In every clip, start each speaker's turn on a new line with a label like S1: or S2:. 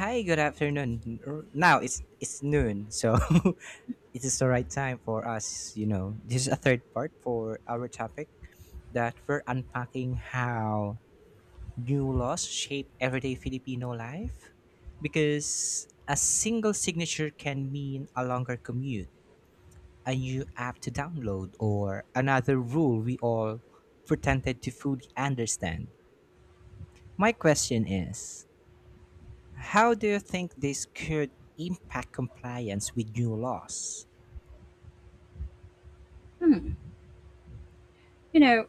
S1: Hi, good afternoon. Now it's noon, so it is the right time for us, you know. This is a third part for our topic that we're unpacking how new laws shape everyday Filipino life because a single signature can mean a longer commute, a new app to download, or another rule we all pretended to fully understand. My question is, how do you think this could impact compliance with new laws?
S2: Hmm. You know,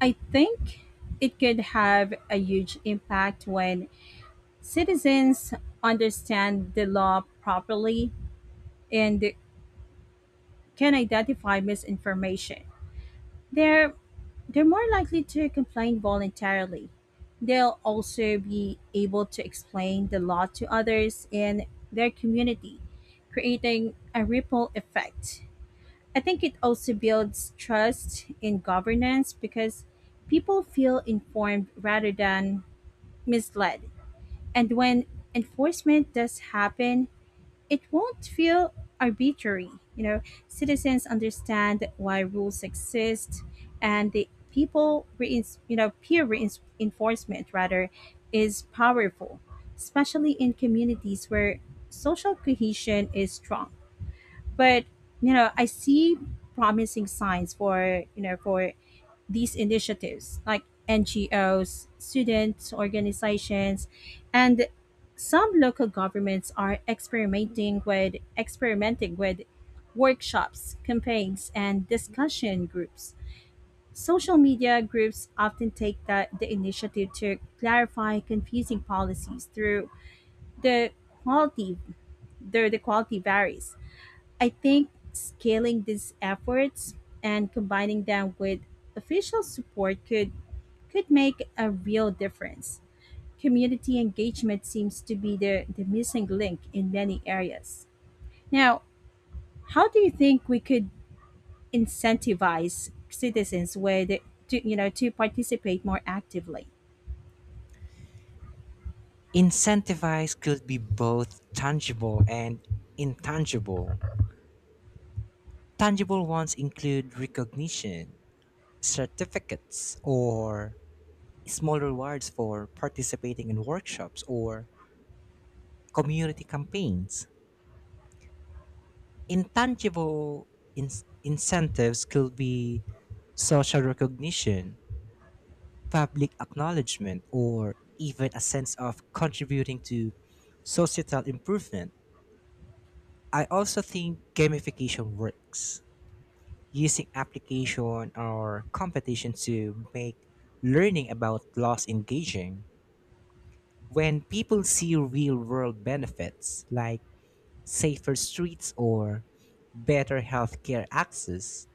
S2: I think it could have a huge impact when citizens understand the law properly and can identify misinformation. They're they're more likely to complain voluntarily. They'll also be able to explain the law to others in their community, creating a ripple effect. I think it also builds trust in governance because people feel informed rather than misled. And when enforcement does happen, it won't feel arbitrary. You know, citizens understand why rules exist and the people reins you know peer reinforcement rather is powerful, especially in communities where social cohesion is strong, but you know I see promising signs for for these initiatives like NGOs, student organizations, and some local governments are experimenting with workshops, campaigns, and discussion groups. Social media groups often take that the initiative to clarify confusing policies through the quality the quality varies. I think scaling these efforts and combining them with official support could make a real difference. Community engagement seems to be the missing link in many areas. Now, how do you think we could incentivize citizens to, to participate more actively?
S1: Incentivize could be both tangible and intangible. Tangible ones include recognition, certificates, or small rewards for participating in workshops or community campaigns. Intangible in- incentives could be social recognition, public acknowledgement, or even a sense of contributing to societal improvement. I also think gamification works, using application or competition to make learning about laws engaging. When people see real world benefits like safer streets or better healthcare access,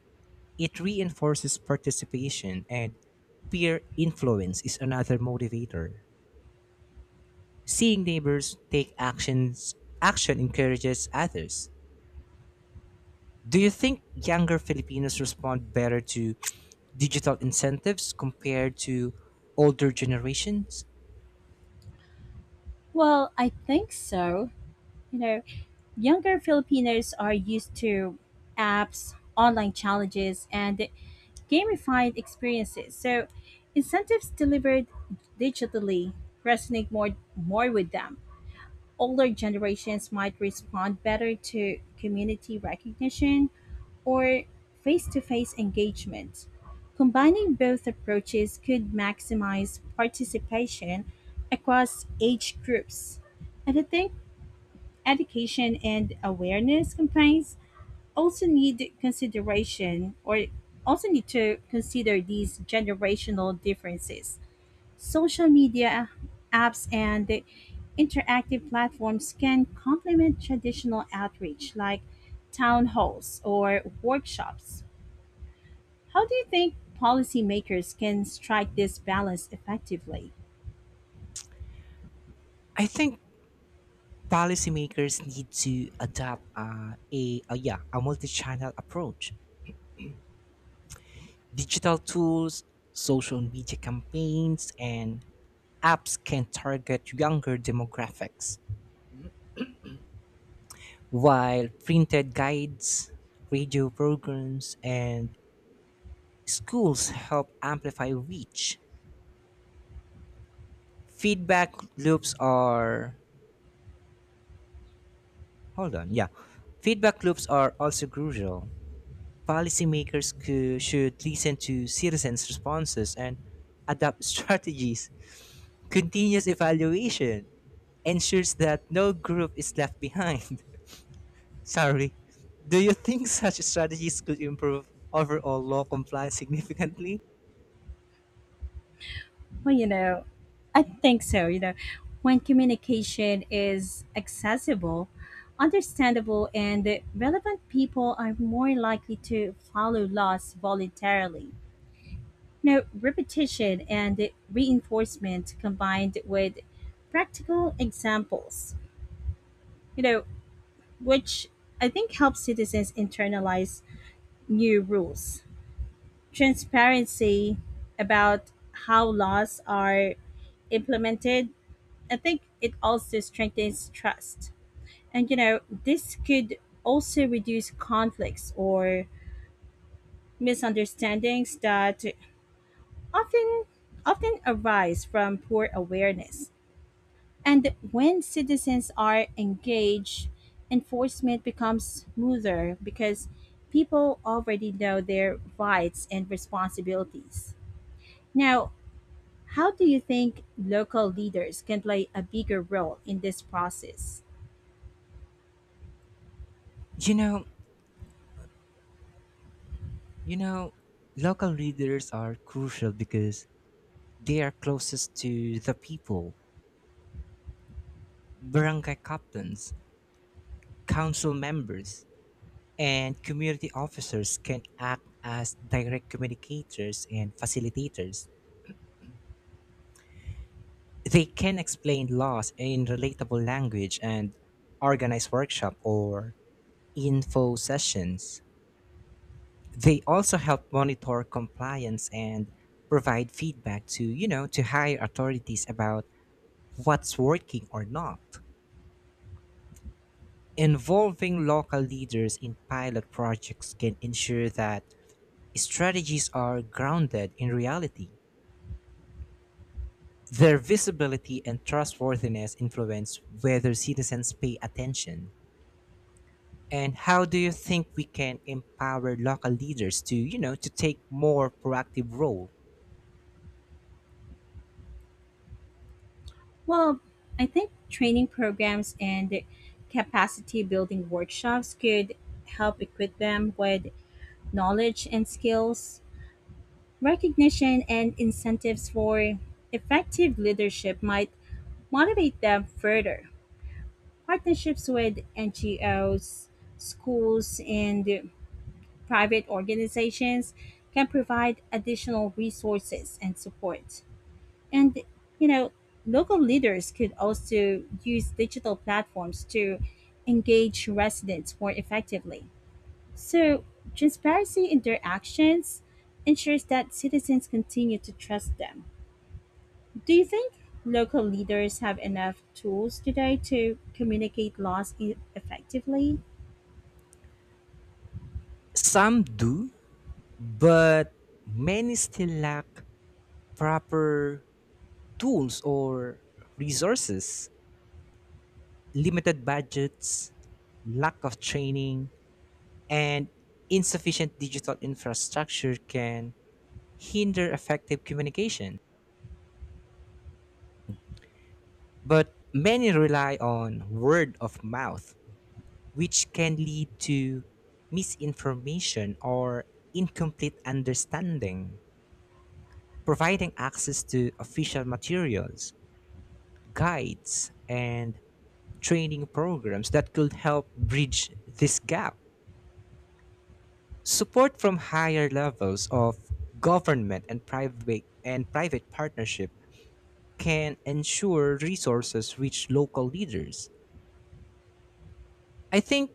S1: it reinforces participation, and peer influence is another motivator. Seeing neighbors take action encourages others. Do you think younger Filipinos respond better to digital incentives compared to older generations?
S2: Well, I think so. You know, younger Filipinos are used to apps, online challenges, and gamified experiences, so incentives delivered digitally resonate more with them. Older generations might respond better to community recognition or face-to-face engagement. Combining both approaches could maximize participation across age groups. And I think education and awareness campaigns also need consideration or also need to consider these generational differences. Social media apps and the interactive platforms can complement traditional outreach like town halls or workshops. How do you think policymakers can strike this balance effectively?
S1: I think policymakers need to adopt a multi-channel approach. Digital tools, social media campaigns, and apps can target younger demographics, while printed guides, radio programs, and schools help amplify reach. Feedback loops are hold on, yeah. Feedback loops are also crucial. Policymakers should listen to citizens' responses and adapt strategies. Continuous evaluation ensures that no group is left behind. Sorry. Do you think such strategies could improve overall law compliance significantly?
S2: Well, you know, I think so. You know, when communication is accessible, understandable, and relevant, people are more likely to follow laws voluntarily. Now, repetition and reinforcement combined with practical examples, you know, which I think helps citizens internalize new rules. Transparency about how laws are implemented, I think it also strengthens trust. And you know, this could also reduce conflicts or misunderstandings that often often arise from poor awareness. And when citizens are engaged, enforcement becomes smoother because people already know their rights and responsibilities. Now, how do you think local leaders can play a bigger role in this process?
S1: You know, you know, Local leaders are crucial because they are closest to the people. Barangay captains, council members, and community officers can act as direct communicators and facilitators. They can explain laws in relatable language and organize workshop or info sessions. They also help monitor compliance and provide feedback to, to higher authorities about what's working or not. Involving local leaders in pilot projects can ensure that strategies are grounded in reality. Their visibility and trustworthiness influence whether citizens pay attention. And how do you think we can empower local leaders to, to take more proactive role?
S2: Well, I think training programs and capacity building workshops could help equip them with knowledge and skills. Recognition and incentives for effective leadership might motivate them further. Partnerships with NGOs, schools, and private organizations can provide additional resources and support. And, you know, local leaders could also use digital platforms to engage residents more effectively. So, transparency in their actions ensures that citizens continue to trust them. Do you think local leaders have enough tools today to communicate laws effectively?
S1: Some do, but many still lack proper tools or resources, limited budgets, lack of training, and insufficient digital infrastructure can hinder effective communication. But many rely on word of mouth, which can lead to misinformation or incomplete understanding. Providing access to official materials, guides, and training programs that could help bridge this gap. Support from higher levels of government and private partnership can ensure resources reach local leaders. I think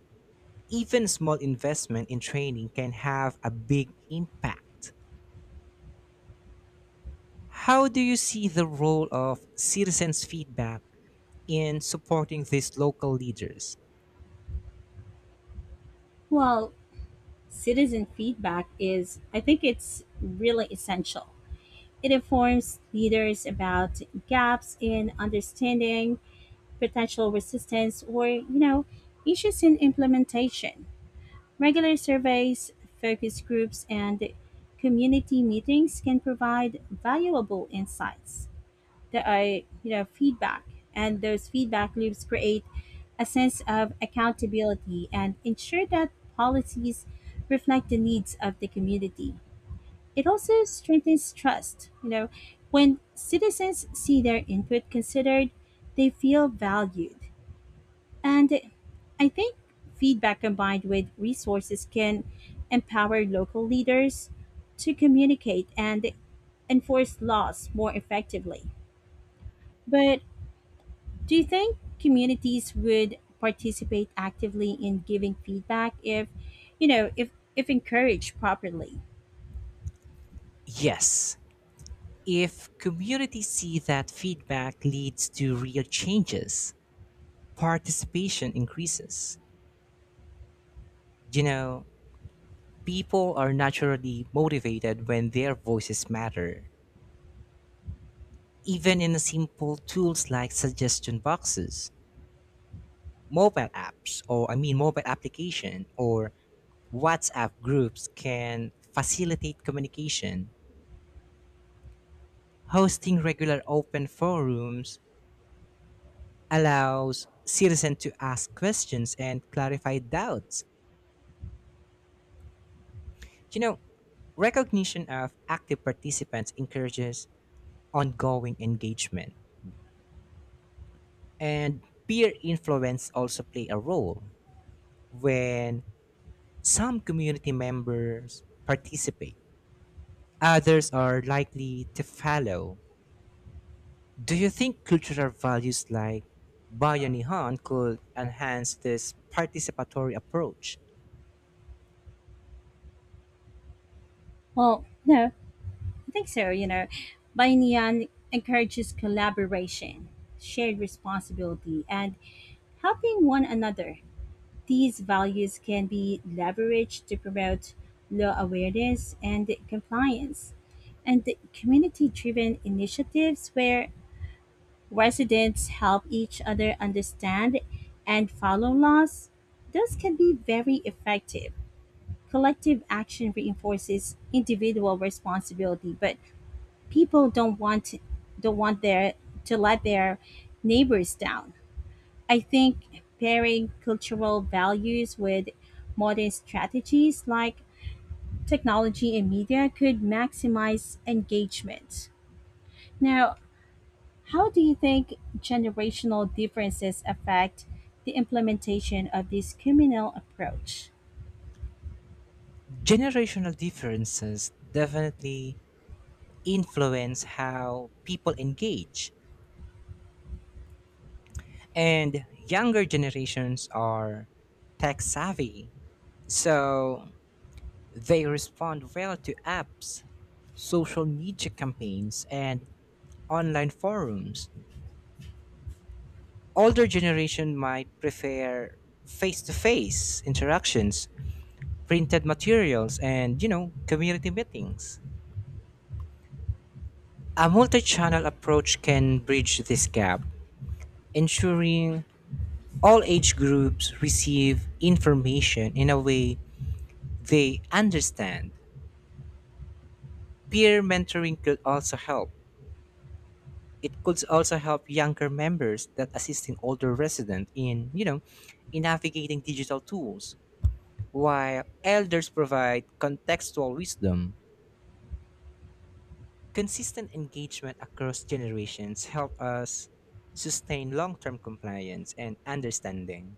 S1: even small investment in training can have a big impact. How do you see the role of citizens' feedback in supporting these local leaders?
S2: Well, citizen feedback is, I think it's really essential. It informs leaders about gaps in understanding, potential resistance, or, you know, issues in implementation. Regular surveys, focus groups, and community meetings can provide valuable insights that are, you know, feedback. And those feedback loops create a sense of accountability and ensure that policies reflect the needs of the community. It also strengthens trust. You know, when citizens see their input considered, they feel valued, and I think feedback combined with resources can empower local leaders to communicate and enforce laws more effectively. But do you think communities would participate actively in giving feedback if, you know, if encouraged properly?
S1: Yes, if communities see that feedback leads to real changes, participation increases. You know, people are naturally motivated when their voices matter. Even in the simple tools like suggestion boxes, mobile apps, or I mean mobile application or WhatsApp groups can facilitate communication. Hosting regular open forums allows citizens to ask questions and clarify doubts. You know, recognition of active participants encourages ongoing engagement. And peer influence also play a role when some community members participate, others are likely to follow. Do you think cultural values like Bayanihan could enhance this participatory approach?
S2: Well, no, I think so. You know, Bainian encourages collaboration, shared responsibility, and helping one another. These values can be leveraged to promote law awareness and compliance, and community driven initiatives where residents help each other understand and follow laws. Those can be very effective. Collective action reinforces individual responsibility, but people don't want their to let their neighbors down. I think pairing cultural values with modern strategies like technology and media could maximize engagement. Now, how do you think generational differences affect the implementation of this communal approach?
S1: Generational differences definitely influence how people engage, and younger generations are tech savvy. So, they respond well to apps, social media campaigns, and online forums. Older generation might prefer face-to-face interactions, printed materials, and you know, community meetings. A multi-channel approach can bridge this gap, ensuring all age groups receive information in a way they understand. Peer mentoring could also help, it could also help younger members that assisting older residents in, in navigating digital tools, while elders provide contextual wisdom. Consistent engagement across generations help us sustain long-term compliance and understanding.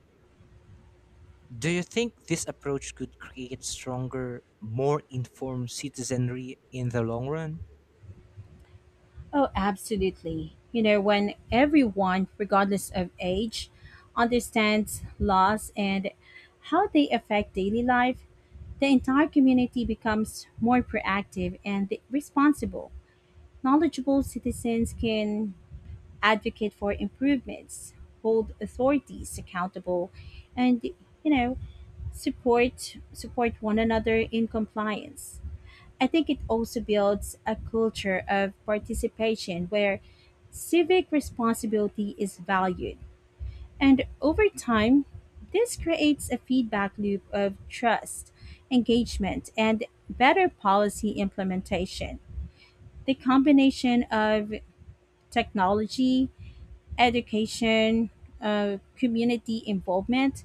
S1: Do you think this approach could create stronger, more informed citizenry in the long run?
S2: Oh, absolutely. You know, when everyone, regardless of age, understands laws and how they affect daily life, the entire community becomes more proactive and responsible. Knowledgeable citizens can advocate for improvements, hold authorities accountable, and you know, support one another in compliance. I think it also builds a culture of participation where civic responsibility is valued, and over time, this creates a feedback loop of trust, engagement, and better policy implementation. The combination of technology, education, community involvement,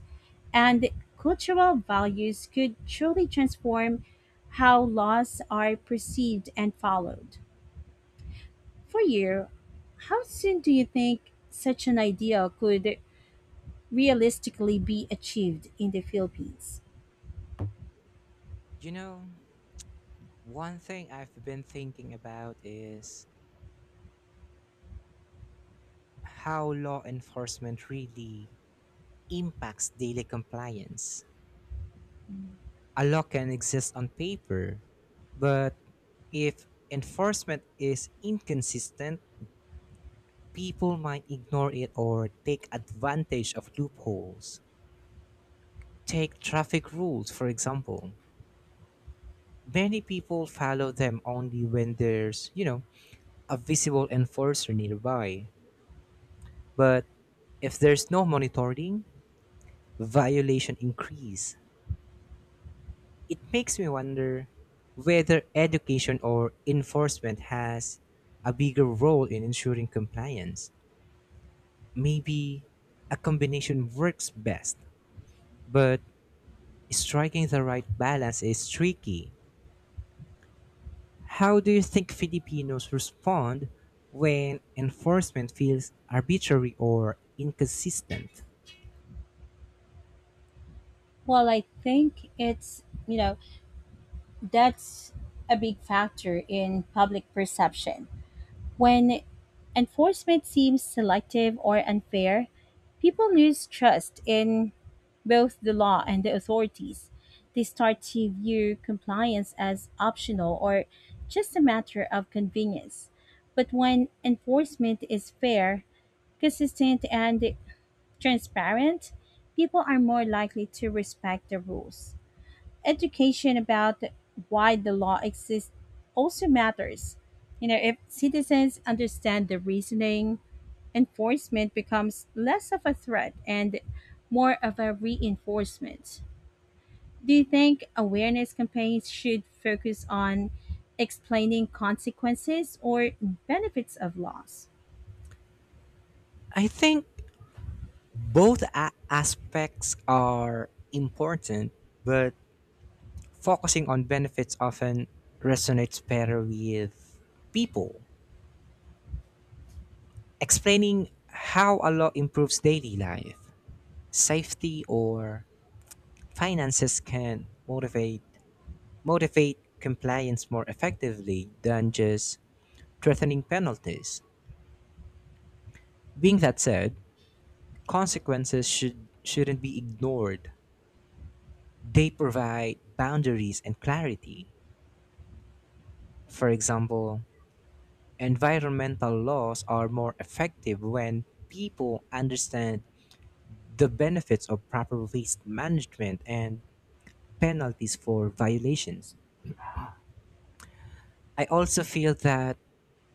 S2: and cultural values could truly transform how laws are perceived and followed. For you, how soon do you think such an idea could realistically be achieved in the Philippines?
S1: You know, one thing I've been thinking about is how law enforcement really impacts daily compliance. A law can exist on paper, but if enforcement is inconsistent, people might ignore it or take advantage of loopholes. Take traffic rules, for example. Many people follow them only when there's, you know, a visible enforcer nearby. But if there's no monitoring, violation increase. It makes me wonder whether education or enforcement has a bigger role in ensuring compliance. Maybe a combination works best, but striking the right balance is tricky. How do you think Filipinos respond when enforcement feels arbitrary or inconsistent?
S2: Well, I think it's, you know, that's a big factor in public perception. When enforcement seems selective or unfair, people lose trust in both the law and the authorities. They start to view compliance as optional or just a matter of convenience. But when enforcement is fair, consistent, and transparent, people are more likely to respect the rules. Education about why the law exists also matters. You know, if citizens understand the reasoning, enforcement becomes less of a threat and more of a reinforcement. Do you think awareness campaigns should focus on explaining consequences or benefits of laws?
S1: I think both aspects are important, but focusing on benefits often resonates better with people. Explaining how a law improves daily life, safety, or finances can motivate compliance more effectively than just threatening penalties. Being that said, consequences shouldn't be ignored. They provide boundaries and clarity. For example, environmental laws are more effective when people understand the benefits of proper waste management and penalties for violations. I also feel that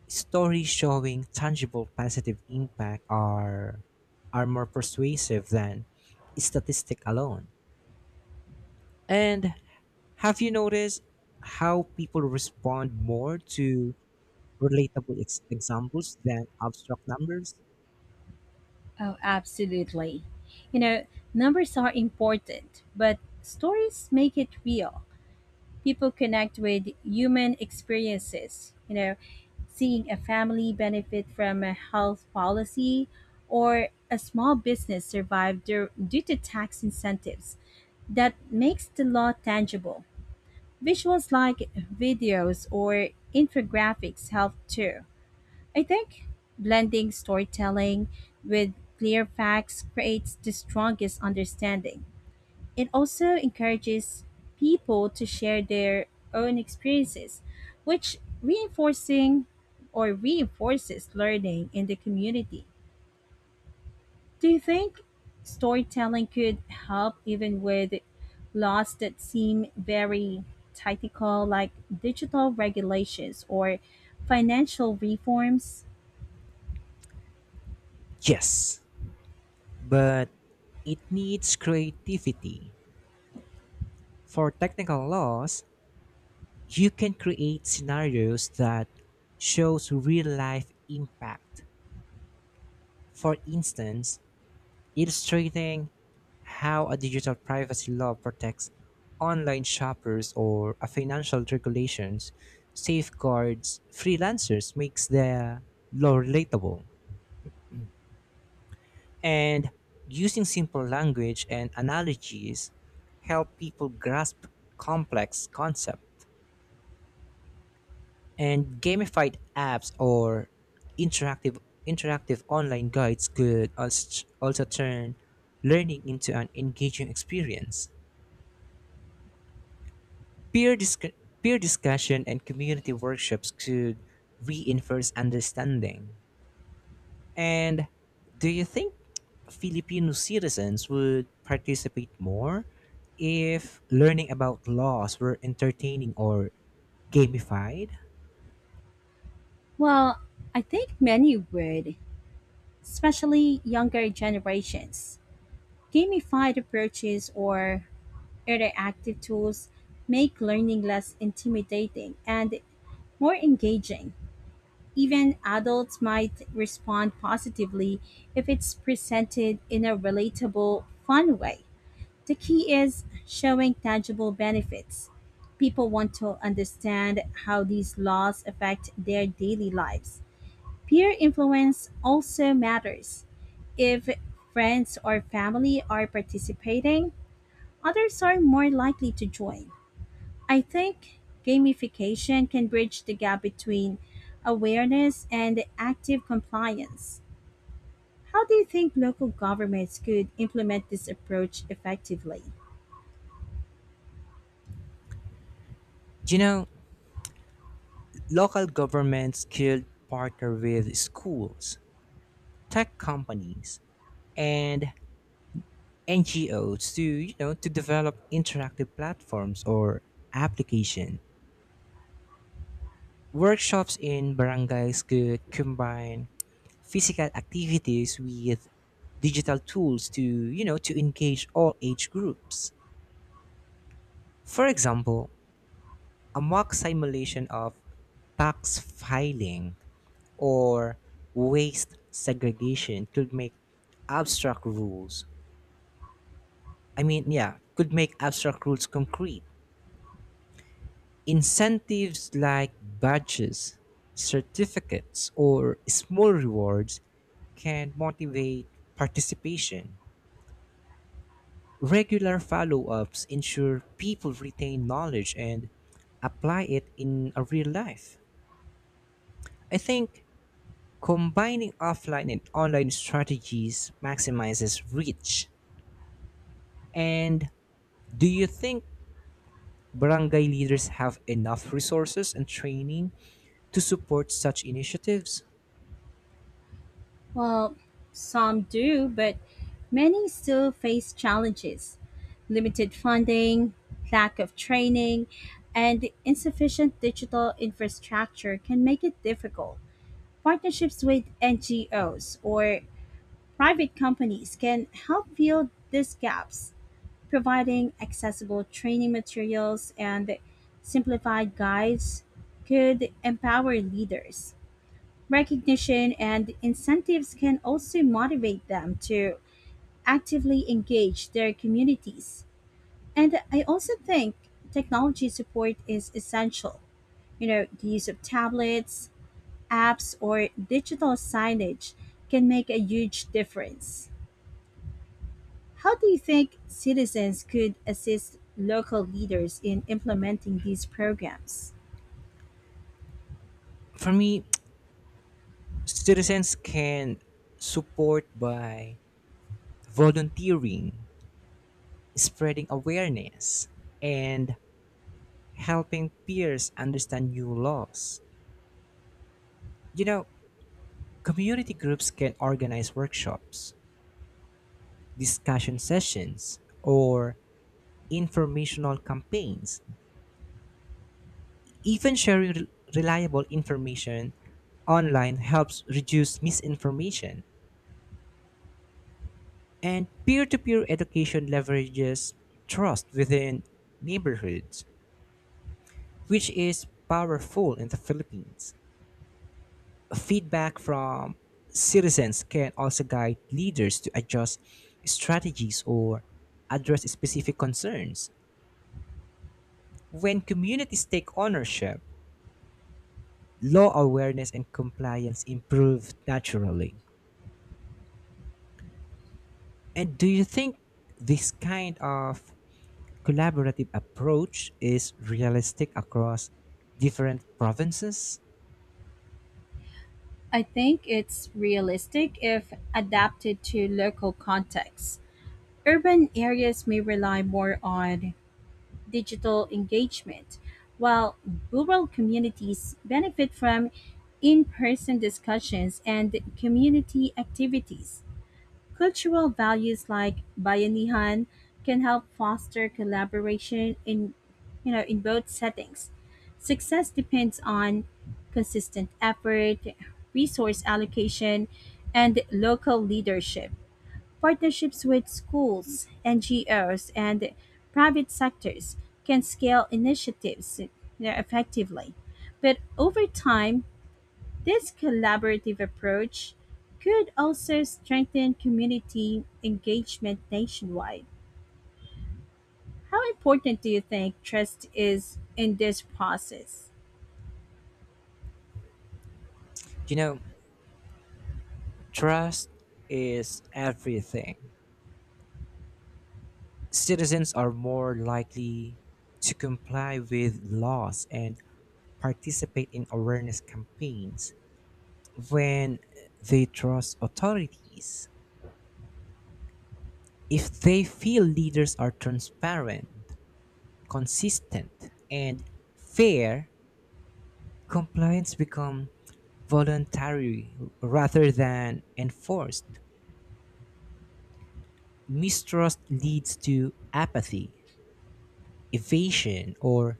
S1: stories showing tangible positive impact are more persuasive than statistic alone. And have you noticed how people respond more to relatable examples than abstract numbers?
S2: Oh, absolutely. You know, numbers are important, but stories make it real. People connect with human experiences. You know, seeing a family benefit from a health policy or a small business survive due to tax incentives, that makes the law tangible. Visuals like videos or infographics help too. I think blending storytelling with clear facts creates the strongest understanding. It also encourages people to share their own experiences, which reinforcing or reinforces learning in the community. Do you think storytelling could help even with laws that seem very tactical like digital regulations or financial reforms?
S1: Yes, but it needs creativity. For technical laws, you can create scenarios that shows real life impact. For instance, illustrating how a digital privacy law protects online shoppers or a financial regulations safeguards freelancers makes the law relatable. And using simple language and analogies help people grasp complex concepts, and gamified apps or interactive interactive online guides could also turn learning into an engaging experience. Peer peer discussion and community workshops could reinforce understanding. And do you think Filipino citizens would participate more if learning about laws were entertaining or gamified?
S2: Well, I think many would, especially younger generations. Gamified approaches or interactive tools make learning less intimidating and more engaging. Even adults might respond positively if it's presented in a relatable, fun way. The key is showing tangible benefits. People want to understand how these laws affect their daily lives. Peer influence also matters. If friends or family are participating, others are more likely to join. I think gamification can bridge the gap between awareness and active compliance. How do you think local governments could implement this approach effectively?
S1: Do you know, local governments could partner with schools, tech companies, and NGOs to, to develop interactive platforms or application. Workshops in barangays could combine physical activities with digital tools to, to engage all age groups. For example, a mock simulation of tax filing or waste segregation could make abstract rules. I mean, yeah, could make abstract rules concrete. Incentives like badges, certificates, or small rewards can motivate participation. Regular follow ups ensure people retain knowledge and apply it in a real life. I think combining offline and online strategies maximizes reach. And do you think barangay leaders have enough resources and training to support such initiatives?
S2: Well, some do, but many still face challenges: limited funding, lack of training, and insufficient digital infrastructure can make it difficult. Partnerships with NGOs or private companies can help fill these gaps, providing accessible training materials and simplified guides could empower leaders. Recognition and incentives can also motivate them to actively engage their communities. And I also think technology support is essential. You know, the use of tablets, apps, or digital signage can make a huge difference. How do you think citizens could assist local leaders in implementing these programs?
S1: For me, citizens can support by volunteering, spreading awareness, and helping peers understand new laws. You know, community groups can organize workshops, discussion sessions, or informational campaigns. Even sharing reliable information online helps reduce misinformation. And peer to peer education leverages trust within neighborhoods, which is powerful in the Philippines. Feedback from citizens can also guide leaders to adjust strategies or address specific concerns. When communities take ownership, law awareness and compliance improve naturally. And do you think this kind of collaborative approach is realistic across different provinces?
S2: I think it's realistic if adapted to local contexts. Urban areas may rely more on digital engagement, while rural communities benefit from in person discussions and community activities. Cultural values like bayanihan can help foster collaboration in, you know, in both settings. Success depends on consistent effort, resource allocation, and local leadership. Partnerships with schools, NGOs, and private sectors can scale initiatives effectively. But over time, this collaborative approach could also strengthen community engagement nationwide. How important do you think trust is in this process?
S1: You know, trust is everything. Citizens are more likely to comply with laws and participate in awareness campaigns when they trust authorities. If they feel leaders are transparent, consistent, and fair, compliance becomes voluntary rather than enforced. Mistrust leads to apathy, evasion, or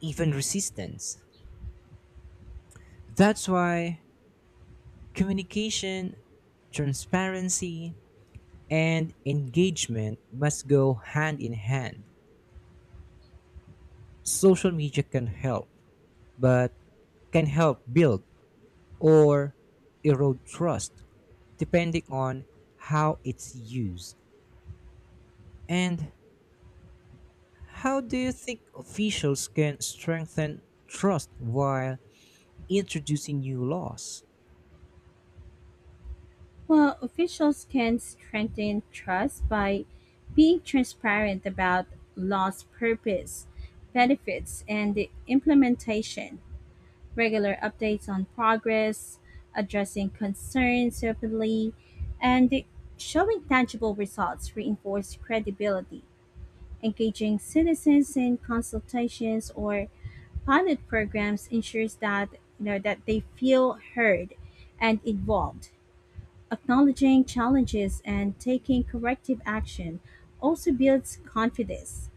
S1: even resistance. That's why communication, transparency, and engagement must go hand in hand. Social media can help, but can help build or erode trust depending on how it's used. And how do you think officials can strengthen trust while introducing new laws?
S2: Well, officials can strengthen trust by being transparent about law's purpose, benefits, and the implementation, regular updates on progress, addressing concerns openly, and showing tangible results reinforce credibility. Engaging citizens in consultations or pilot programs ensures that you know that they feel heard and involved. Acknowledging challenges and taking corrective action also builds confidence.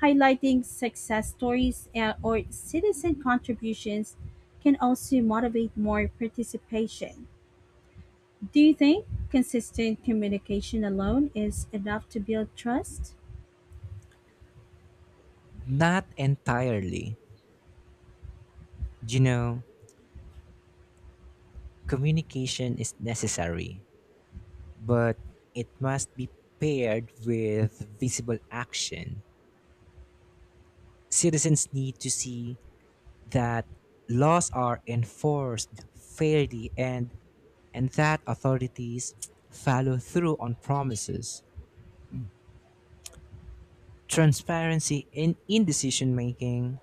S2: Highlighting success stories or citizen contributions can also motivate more participation. Do you think consistent communication alone is enough to build trust?
S1: Not entirely. You know, communication is necessary, but it must be paired with visible action. Citizens need to see that laws are enforced fairly and that authorities follow through on promises. Transparency in decision making,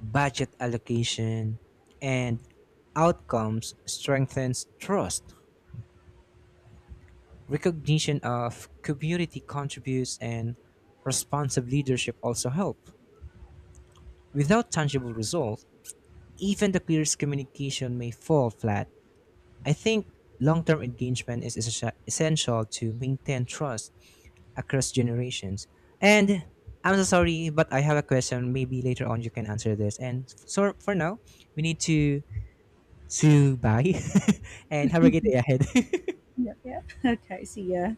S1: budget allocation, and outcomes strengthens trust. Recognition of community contributes and responsive leadership also help. Without tangible results, even the clearest communication may fall flat. I think long term engagement is essential to maintain trust across generations. And I'm so sorry, but I have a question. Maybe later on you can answer this. And so for now, we need to bye and have a good day ahead.
S2: Yeah. Yep. Okay, so yeah,